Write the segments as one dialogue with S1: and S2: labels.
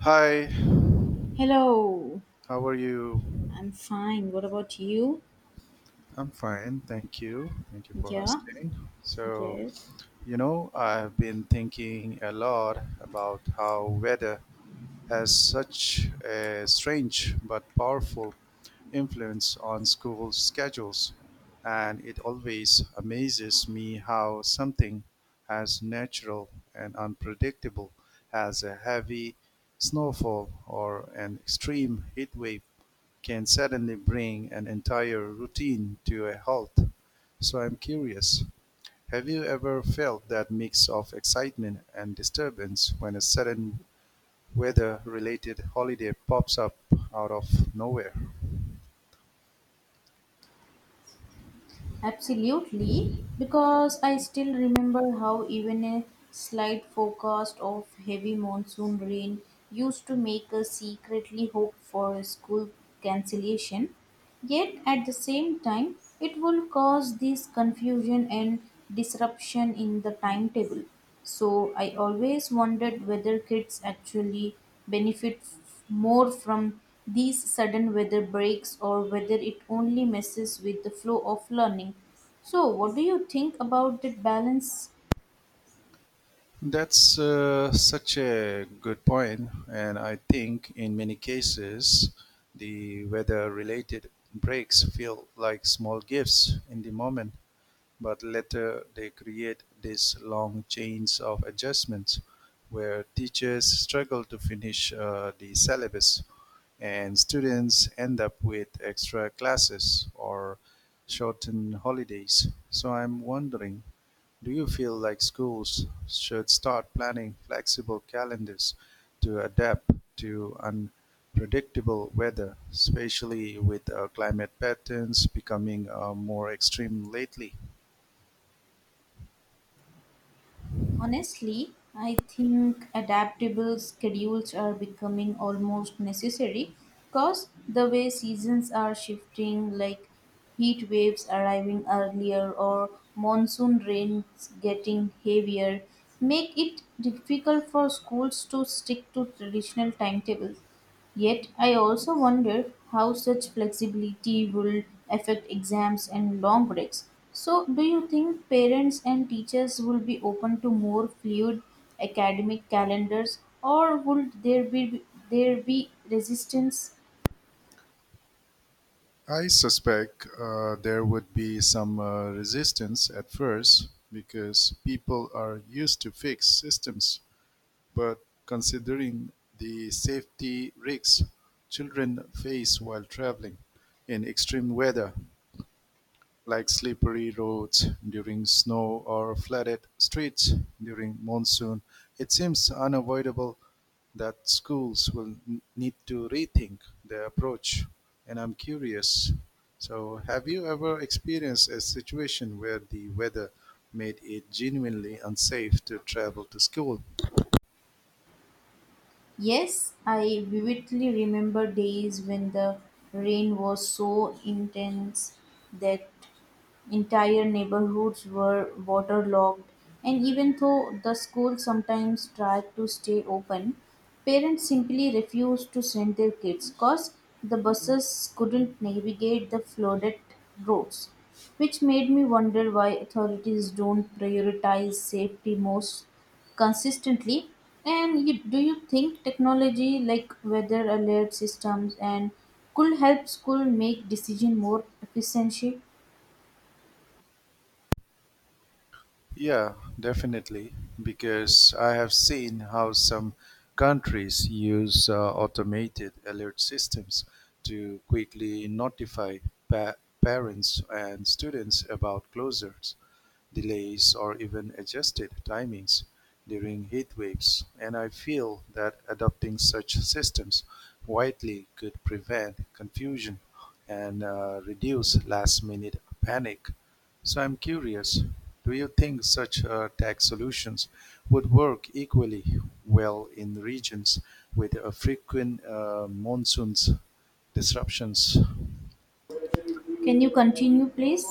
S1: Hi,
S2: Hello,
S1: how are you?
S2: I'm fine. What about you?
S1: I'm fine, thank you. Thank you for
S2: Yeah,
S1: asking. So,
S2: yes,
S1: you know, I've been thinking a lot about how weather has such a strange but powerful influence on school schedules, and it always amazes me how something as natural and unpredictable as a heavy snowfall or an extreme heat wave can suddenly bring an entire routine to a halt. So I'm curious. Have you ever felt that mix of excitement and disturbance when a sudden weather-related holiday pops up out of nowhere?
S2: absolutely, because I still remember how even a slight forecast of heavy monsoon rain used to make us secretly hope for a school cancellation. Yet at the same time, it will cause this confusion and disruption in the timetable. So I always wondered whether kids actually benefit more from these sudden weather breaks or whether it only messes with the flow of learning. So, what do you think about that balance?
S1: That's such a good point, and I think in many cases the weather-related breaks feel like small gifts in the moment. But later they create these long chains of adjustments where teachers struggle to finish the syllabus, and students end up with extra classes or shortened holidays. So I'm wondering, do you feel like schools should start planning flexible calendars to adapt to unpredictable weather, especially with climate patterns becoming more extreme lately?
S2: Honestly, I think adaptable schedules are becoming almost necessary because the way seasons are shifting, like heat waves arriving earlier or monsoon rains getting heavier, make it difficult for schools to stick to traditional timetables. Yet, I also wonder how such flexibility will affect exams and long breaks. So, do you think parents and teachers will be open to more fluid academic calendars or would there be resistance?
S1: I suspect there would be some resistance at first because people are used to fixed systems, but considering the safety risks children face while traveling in extreme weather, like slippery roads during snow or flooded streets during monsoon, it seems unavoidable that schools will need to rethink their approach. And I'm curious. So, have you ever experienced a situation where the weather made it genuinely unsafe to travel to school?
S2: Yes, I vividly remember days when the rain was so intense that entire neighborhoods were waterlogged, and even though the school sometimes tried to stay open, parents simply refused to send their kids because the buses couldn't navigate the flooded roads, which made me wonder why authorities don't prioritize safety most consistently. And you, do you think technology like weather alert systems and could help school make decision more efficiently?
S1: Yeah, definitely. Because I have seen how some countries use automated alert systems to quickly notify pa- parents and students about closures, delays, or even adjusted timings during heat waves, and I feel that adopting such systems widely could prevent confusion and reduce last minute panic. So I'm curious, do you think such tax solutions would work equally well in regions with frequent monsoons disruptions?
S2: Can you continue please?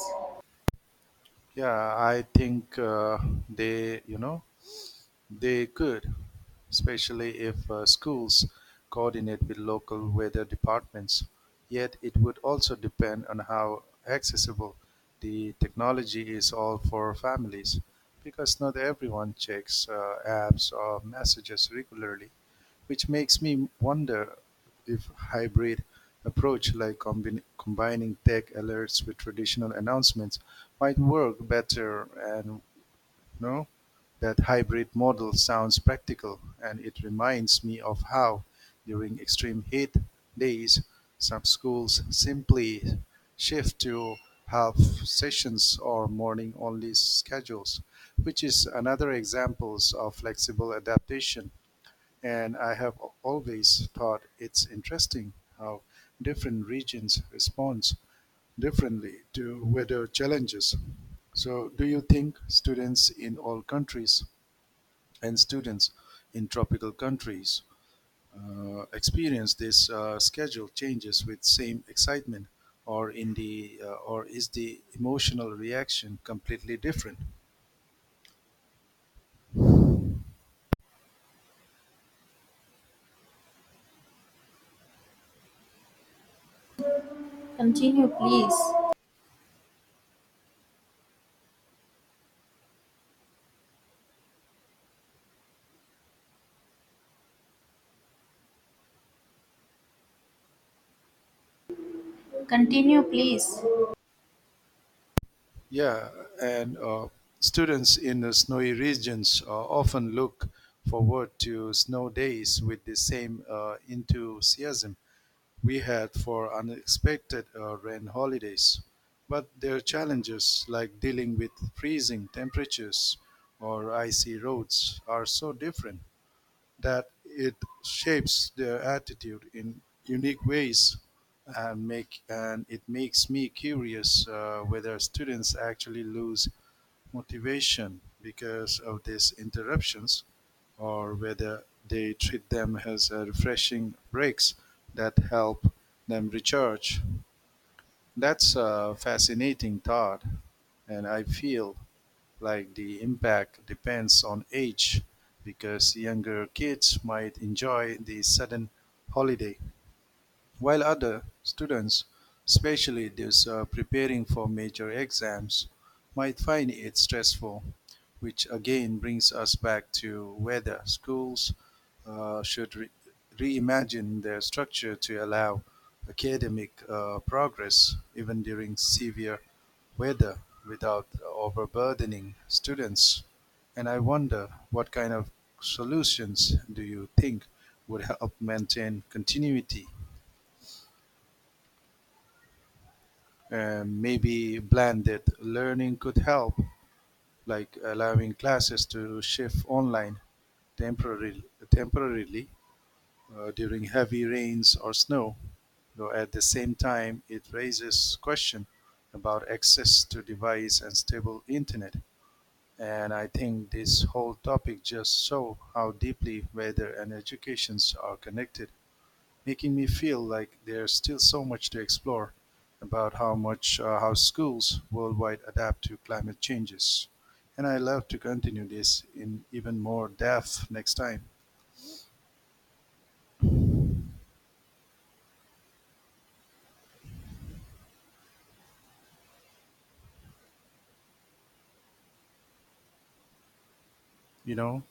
S1: Yeah, I think they, you know, They could, especially if schools coordinate with local weather departments. Yet it would also depend on how accessible the technology is all for families, because not everyone checks apps or messages regularly, which makes me wonder if hybrid approach like combining tech alerts with traditional announcements might work better. And no, that hybrid model sounds practical, and it reminds me of how, during extreme heat days, some schools simply shift to half sessions or morning only schedules, which is another example of flexible adaptation. And I have always thought it's interesting how different regions respond differently to weather challenges. So, do you think students in all countries and students in tropical countries experience this schedule changes with same excitement, or is the emotional reaction completely different?
S2: Continue please. Continue please.
S1: Yeah, and students in the snowy regions often look forward to snow days with the same enthusiasm we had for unexpected rain holidays. But there are challenges like dealing with freezing temperatures or icy roads are so different that it shapes their attitude in unique ways, and it makes me curious whether students actually lose motivation because of these interruptions or whether they treat them as refreshing breaks that help them recharge. That's a fascinating thought, and I feel like the impact depends on age because younger kids might enjoy the sudden holiday while other students, especially those preparing for major exams, might find it stressful, which again brings us back to whether schools should reimagine their structure to allow academic progress even during severe weather without overburdening students. And I wonder what kind of solutions do you think would help maintain continuity. And maybe blended learning could help, like allowing classes to shift online temporarily, temporarily, during heavy rains or snow. Though at the same time, it raises question about access to device and stable internet. And I think this whole topic just show how deeply weather and educations are connected, making me feel like there's still so much to explore about how schools worldwide adapt to climate changes. And I love to continue this in even more depth next time. You know,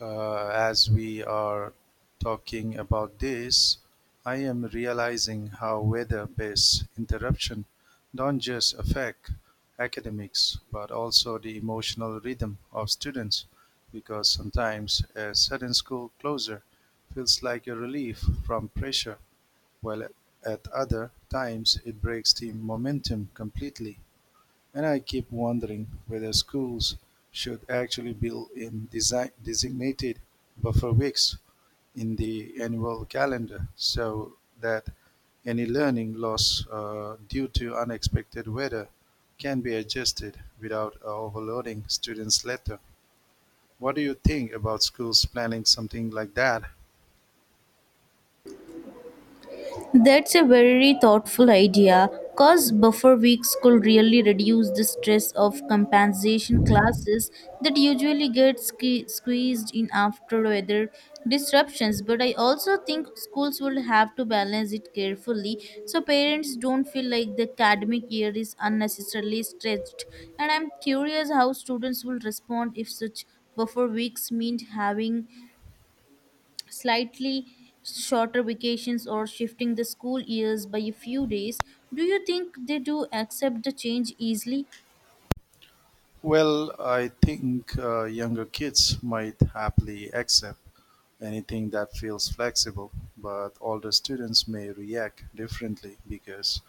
S1: as we are talking about this, I am realizing how weather based interruption don't just affect academics but also the emotional rhythm of students because sometimes a sudden school closure feels like a relief from pressure while at other times it breaks the momentum completely. And I keep wondering whether schools should actually build in designated buffer weeks in the annual calendar so that any learning loss due to unexpected weather can be adjusted without overloading students later. What do you think about schools planning something like that?
S2: That's a very thoughtful idea because buffer weeks could really reduce the stress of compensation classes that usually get squeezed in after weather disruptions. But I also think schools will have to balance it carefully so parents don't feel like the academic year is unnecessarily stretched. And I'm curious how students will respond if such buffer weeks mean having slightly shorter vacations or shifting the school years by a few days. Do you think they do accept the change easily?
S1: Well, I think younger kids might happily accept anything that feels flexible, but older students may react differently because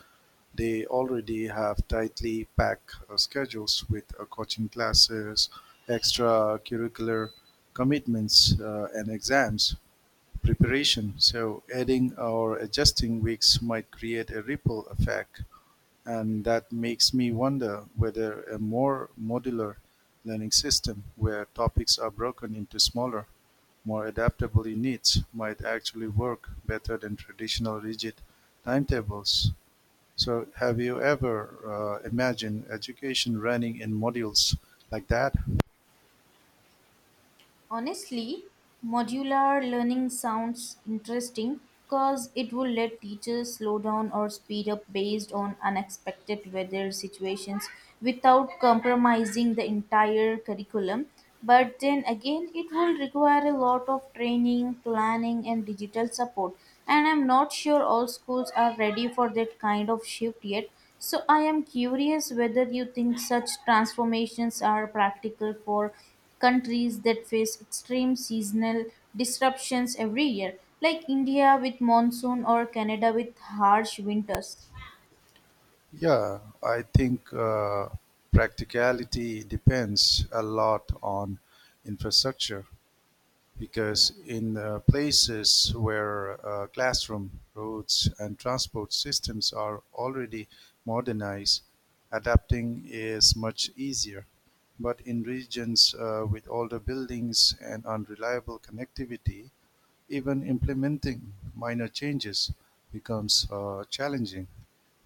S1: they already have tightly packed schedules with coaching classes, extracurricular commitments, and exams preparation. So, adding or adjusting weeks might create a ripple effect, and that makes me wonder whether a more modular learning system where topics are broken into smaller, more adaptable units might actually work better than traditional rigid timetables. So, have you ever imagined education running in modules like that?
S2: Honestly, modular learning sounds interesting because it will let teachers slow down or speed up based on unexpected weather situations without compromising the entire curriculum. But then again, it will require a lot of training, planning, and digital support. And I'm not sure all schools are ready for that kind of shift yet. So I am curious whether you think such transformations are practical for countries that face extreme seasonal disruptions every year, like India with monsoon or Canada with harsh winters.
S1: Yeah, I think practicality depends a lot on infrastructure, because in places where classroom, roads, and transport systems are already modernized, adapting is much easier. But in regions with older buildings and unreliable connectivity, even implementing minor changes becomes challenging,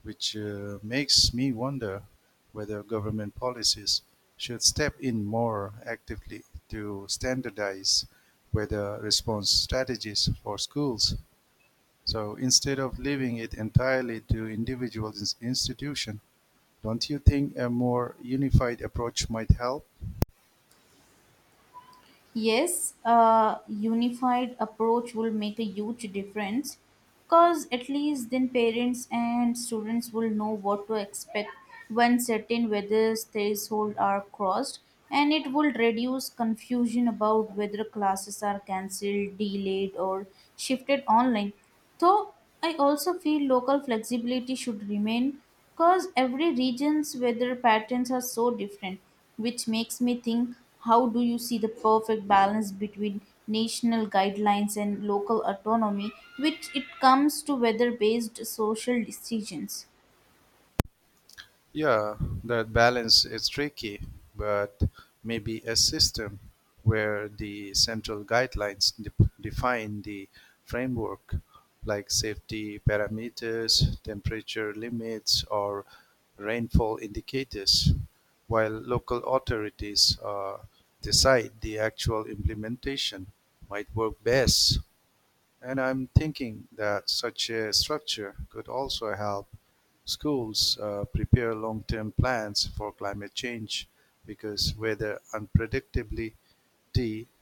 S1: which makes me wonder whether government policies should step in more actively to standardize weather response strategies for schools. So instead of leaving it entirely to individual institutions, don't you think a more unified approach might help?
S2: Yes, a unified approach will make a huge difference because at least then parents and students will know what to expect when certain whether thresholds are crossed, and it will reduce confusion about whether classes are cancelled, delayed or shifted online. So I also feel local flexibility should remain because every region's weather patterns are so different, which makes me think, how do you see the perfect balance between national guidelines and local autonomy which it comes to weather based social decisions?
S1: Yeah, that balance is tricky, but maybe a system where the central guidelines define the framework, like safety parameters, temperature limits, or rainfall indicators, while local authorities decide the actual implementation, might work best. And I'm thinking that such a structure could also help schools prepare long term plans for climate change because weather unpredictability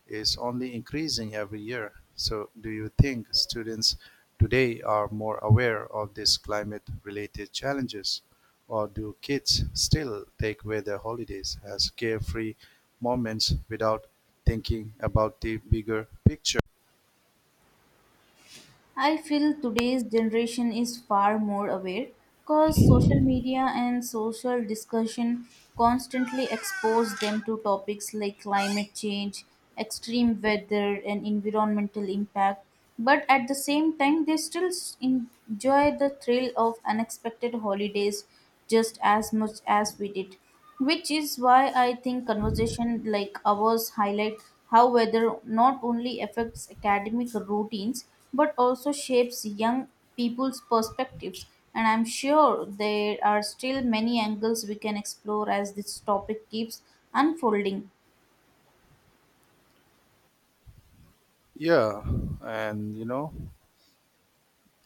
S1: is only increasing every year. So, do you think students today are more aware of these climate related challenges? Or do kids still take weather holidays as carefree moments without thinking about the bigger picture?
S2: I feel today's generation is far more aware because social media and social discussion constantly expose them to topics like climate change, extreme weather, and environmental impact. But at the same time, they still enjoy the thrill of unexpected holidays just as much as we did, which is why I think conversation like ours highlight how weather not only affects academic routines but also shapes young people's perspectives. And I'm sure there are still many angles we can explore as this topic keeps unfolding.
S1: Yeah, and you know,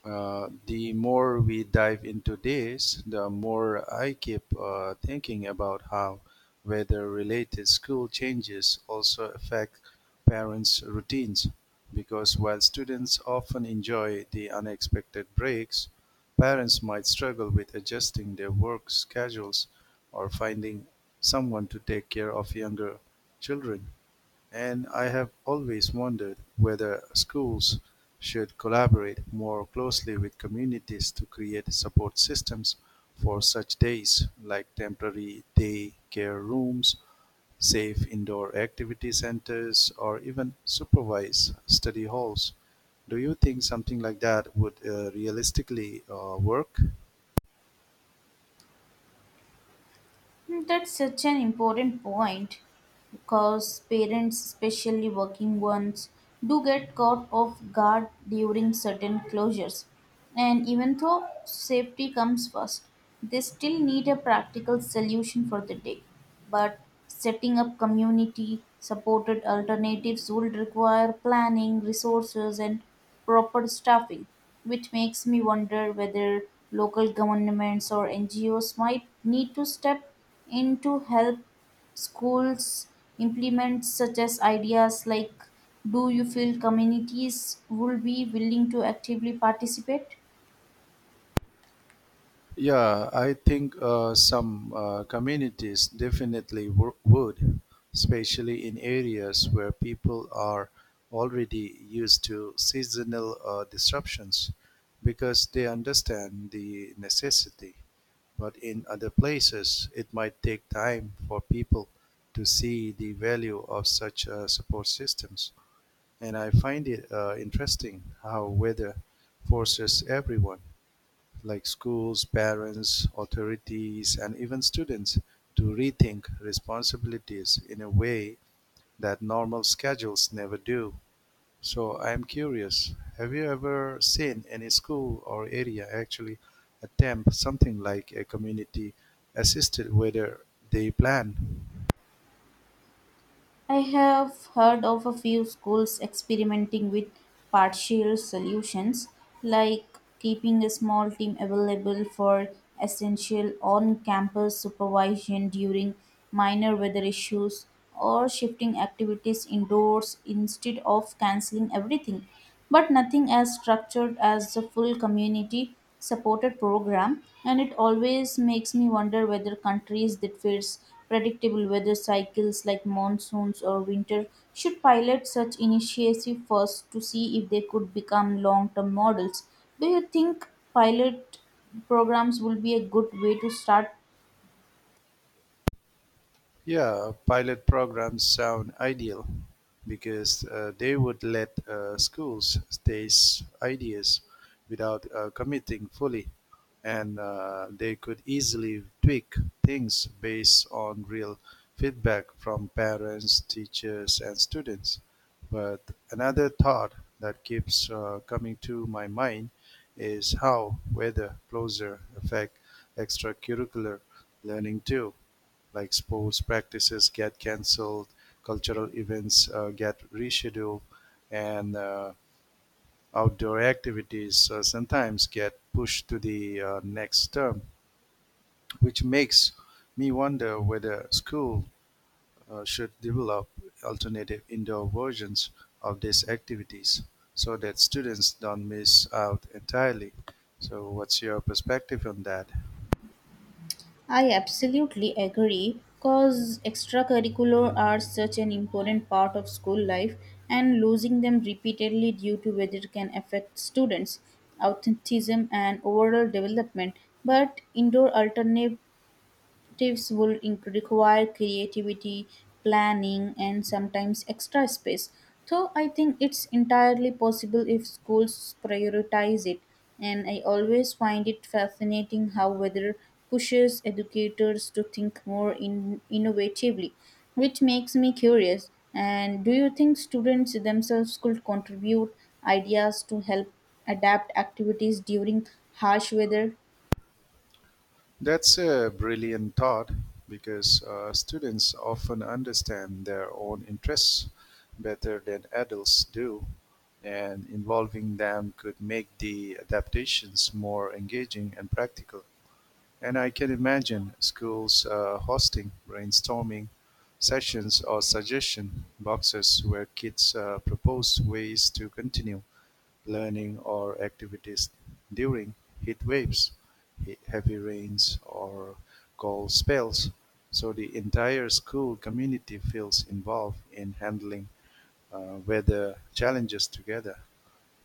S1: uh, the more we dive into this, the more I keep thinking about how weather-related school changes also affect parents' routines. Because while students often enjoy the unexpected breaks, parents might struggle with adjusting their work schedules or finding someone to take care of younger children. And I have always wondered whether schools should collaborate more closely with communities to create support systems for such days, like temporary day care rooms, safe indoor activity centers, or even supervised study halls. Do you think something like that would realistically work?
S2: Hmm, that's such an important point because parents, especially working ones, do get caught off guard during certain closures. And even though safety comes first, they still need a practical solution for the day. But setting up community supported alternatives would require planning, resources, and proper staffing, which makes me wonder whether local governments or NGOs might need to step in to help schools implement such as ideas like, do you feel communities would be willing to actively participate?
S1: Yeah, I think some communities definitely would, especially in areas where people are already used to seasonal disruptions because they understand the necessity. But in other places, it might take time for people to see the value of such support systems. And I find it interesting how weather forces everyone, like schools, parents, authorities, and even students, to rethink responsibilities in a way that normal schedules never do. So I'm curious, have you ever seen any school or area actually attempt something like a community assisted weather day plan?
S2: I have heard of a few schools experimenting with partial solutions, like keeping a small team available for essential on campus supervision during minor weather issues or shifting activities indoors instead of canceling everything. But nothing as structured as the full community supported program. And it always makes me wonder whether countries that face predictable weather cycles like monsoons or winter should pilot such initiative first to see if they could become long-term models. Do you think pilot programs will be a good way to start?
S1: Yeah, pilot programs sound ideal because they would let schools test ideas without committing fully, and they could easily tweak things based on real feedback from parents, teachers, and students. But another thought that keeps coming to my mind is how weather closer affect extracurricular learning too, like sports practices get cancelled, cultural events get rescheduled, and outdoor activities sometimes get pushed to the next term, which makes me wonder whether school should develop alternative indoor versions of these activities so that students don't miss out entirely. So, what's your perspective on that?
S2: I absolutely agree because extracurricular are such an important part of school life and losing them repeatedly due to weather can affect students' authenticism and overall development. But indoor alternate tips would require creativity, planning, and sometimes extra space. So I think it's entirely possible if schools prioritize it. And I always find it fascinating how weather pushes educators to think more innovatively, which makes me curious. And do you think students themselves could contribute ideas to help adapt activities during harsh weather?
S1: That's a brilliant thought because students often understand their own interests better than adults do, and involving them could make the adaptations more engaging and practical. And I can imagine schools hosting brainstorming sessions or suggestion boxes where kids propose ways to continue learning or activities during heat waves, heavy rains, or cold spells. So the entire school community feels involved in handling weather challenges together.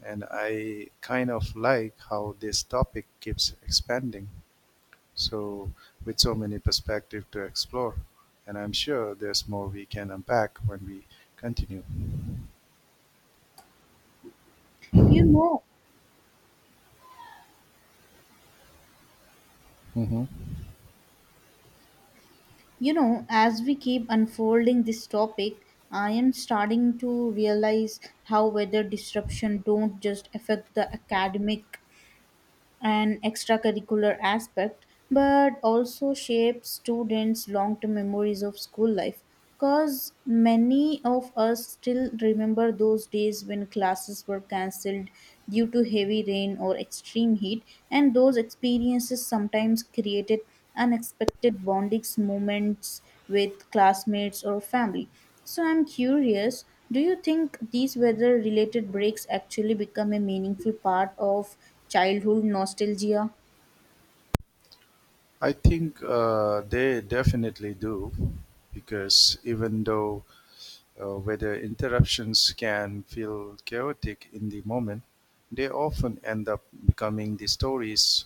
S1: And I kind of like how this topic keeps expanding, so, with so many perspectives to explore, and I'm sure there's more we can unpack when we continue.
S2: You know,
S1: Hmm.
S2: you know, as we keep unfolding this topic, I am starting to realize how weather disruption don't just affect the academic an extracurricular aspect but also shapes students long term memories of school life because many of us still remember those days when classes were cancelled due to heavy rain or extreme heat, and those experiences sometimes created unexpected bonding moments with classmates or family. So I'm curious, do you think these weather related breaks actually become a meaningful part of childhood nostalgia?
S1: I think they definitely do, because even though where the interruptions can feel chaotic in the moment, they often end up becoming the stories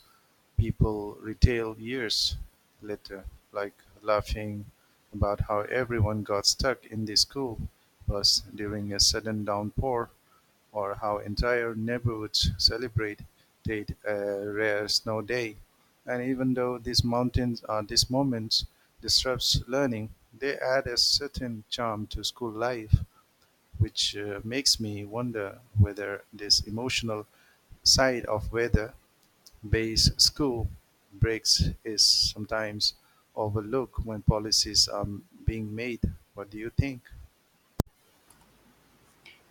S1: people retell years later, like laughing about how everyone got stuck in the school bus during a sudden downpour, or how entire neighborhoods celebrate a rare snow day. And even though these moments disrupts learning, they add a certain charm to school life, which makes me wonder whether this emotional side of weather-based school breaks is sometimes overlooked when policies are being made. What do you think?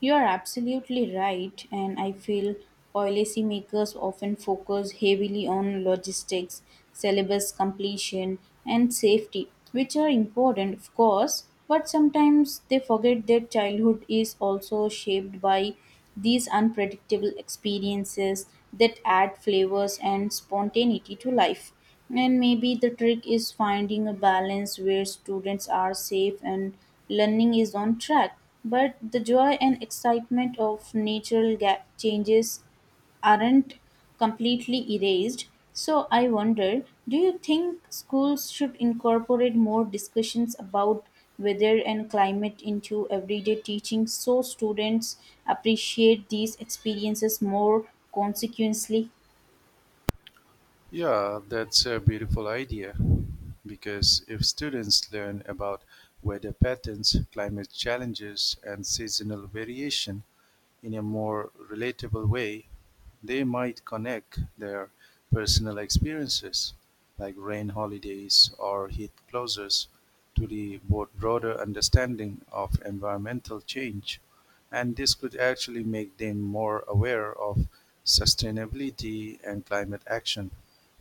S2: You are absolutely right, and I feel policymakers often focus heavily on logistics, syllabus completion, and safety, which are important, of course, but sometimes they forget that childhood is also shaped by these unpredictable experiences that add flavors and spontaneity to life. And maybe the trick is finding a balance where students are safe and learning is on track, but the joy and excitement of natural changes aren't completely erased. So I wonder, do you think schools should incorporate more discussions about weather and climate into everyday teaching so students appreciate these experiences more consequently?
S1: Yeah, that's a beautiful idea because if students learn about weather patterns, climate challenges, and seasonal variation, in a more relatable way, they might connect their personal experiences, like rain holidays or heat closures, to the broader understanding of environmental change. And this could actually make them more aware of sustainability and climate action,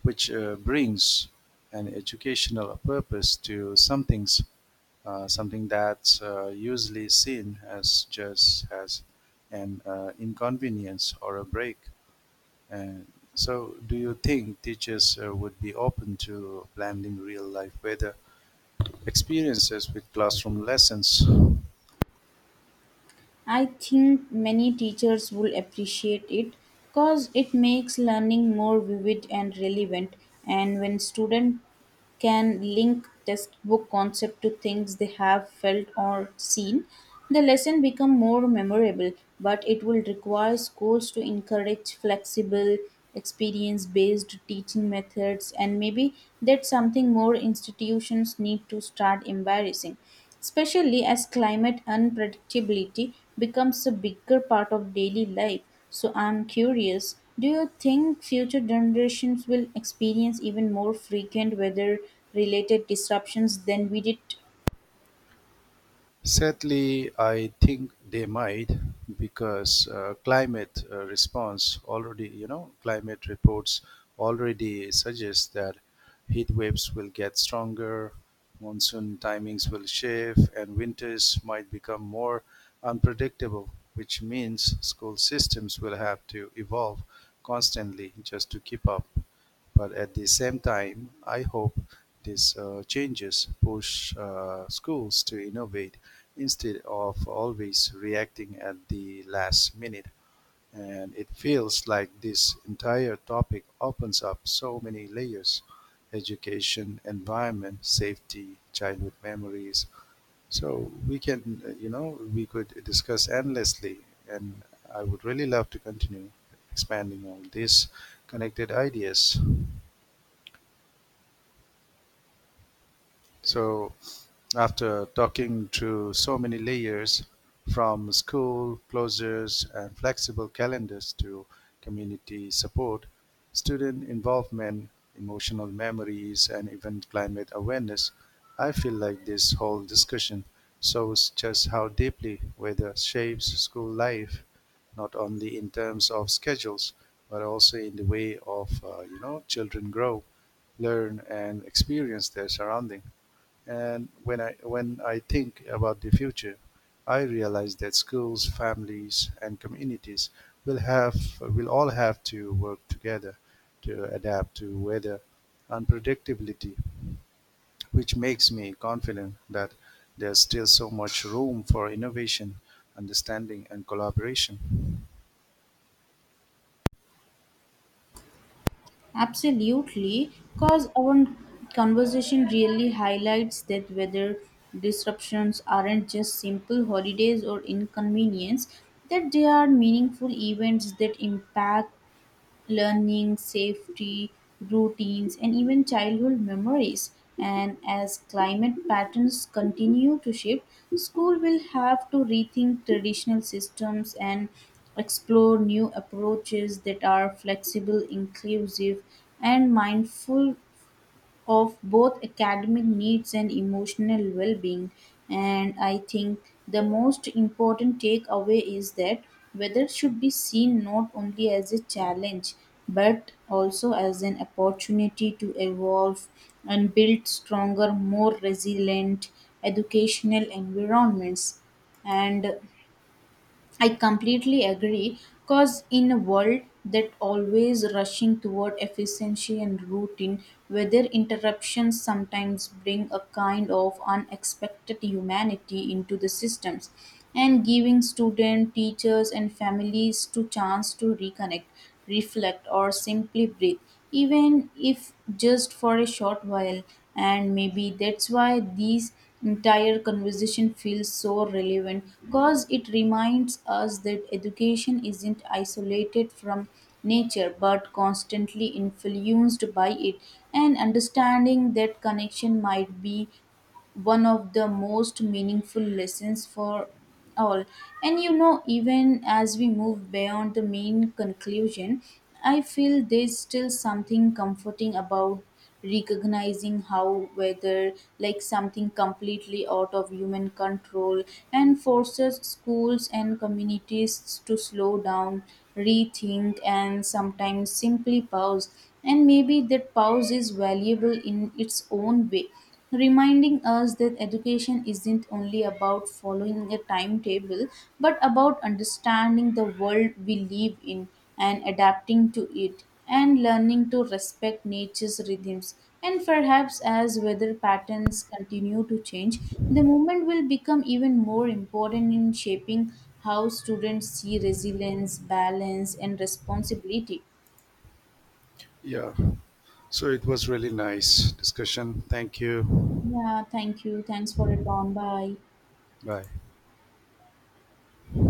S1: which brings an educational purpose to something that's usually seen as just as an inconvenience or a break. And so, do you think teachers would be open to blending real life weather experiences with classroom lessons?
S2: I think many teachers will appreciate it because it makes learning more vivid and relevant. And when students can link textbook concept to things they have felt or seen, the lesson become more memorable, but it will require schools to encourage flexible, experience based teaching methods. And maybe that's something more institutions need to start embracing, especially as climate unpredictability becomes a bigger part of daily life. So I'm curious, do you think future generations will experience even more frequent weather related disruptions than we did?
S1: Sadly, I think they might because climate response already, you know, climate reports already suggest that heat waves will get stronger, monsoon timings will shift, and winters might become more unpredictable, which means school systems will have to evolve constantly just to keep up. But at the same time, I hope these changes push schools to innovate instead of always reacting at the last minute. And it feels like this entire topic opens up so many layers: education, environment, safety, childhood memories. So we can, you know, we could discuss endlessly. And I would really love to continue expanding on these connected ideas. So after talking to so many layers from school closures and flexible calendars to community support, student involvement, emotional memories, and even climate awareness, I feel like this whole discussion shows just how deeply weather shapes school life, not only in terms of schedules, but also in the way of children grow, learn, and experience their surrounding. And when I think about the future, I realize that schools, families, and communities will all have to work together to adapt to weather unpredictability, which makes me confident that there's still so much room for innovation, understanding, and collaboration.
S2: Absolutely, because our conversation really highlights that weather disruptions aren't just simple holidays or inconvenience, that they are meaningful events that impact learning, safety, routines, and even childhood memories. And as climate patterns continue to shift, school will have to rethink traditional systems and explore new approaches that are flexible, inclusive, and mindful of both academic needs and emotional well being. And I think the most important takeaway is that weather should be seen not only as a challenge but also as an opportunity to evolve and build stronger, more resilient educational environments. And I completely agree because in a world that always rushing toward efficiency and routine, weather interruptions sometimes bring a kind of unexpected humanity into the systems and giving students, teachers and families to chance to reconnect, reflect, or simply breathe, even if just for a short while. And maybe that's why these entire conversation feels so relevant because it reminds us that education isn't isolated from nature but constantly influenced by it, and understanding that connection might be one of the most meaningful lessons for all. And you know, even as we move beyond the main conclusion, I feel there's still something comforting about recognizing how whether like something completely out of human control and forces schools and communities to slow down, rethink and sometimes simply pause. And maybe that pause is valuable in its own way, reminding us that education isn't only about following a timetable but about understanding the world we live in and adapting to it and learning to respect nature's rhythms. And perhaps as weather patterns continue to change, the movement will become even more important in shaping how students see resilience, balance and responsibility.
S1: Yeah. So it was really nice discussion. Thank you.
S2: Yeah, thank you. Thanks for it on. Bye.
S1: Bye.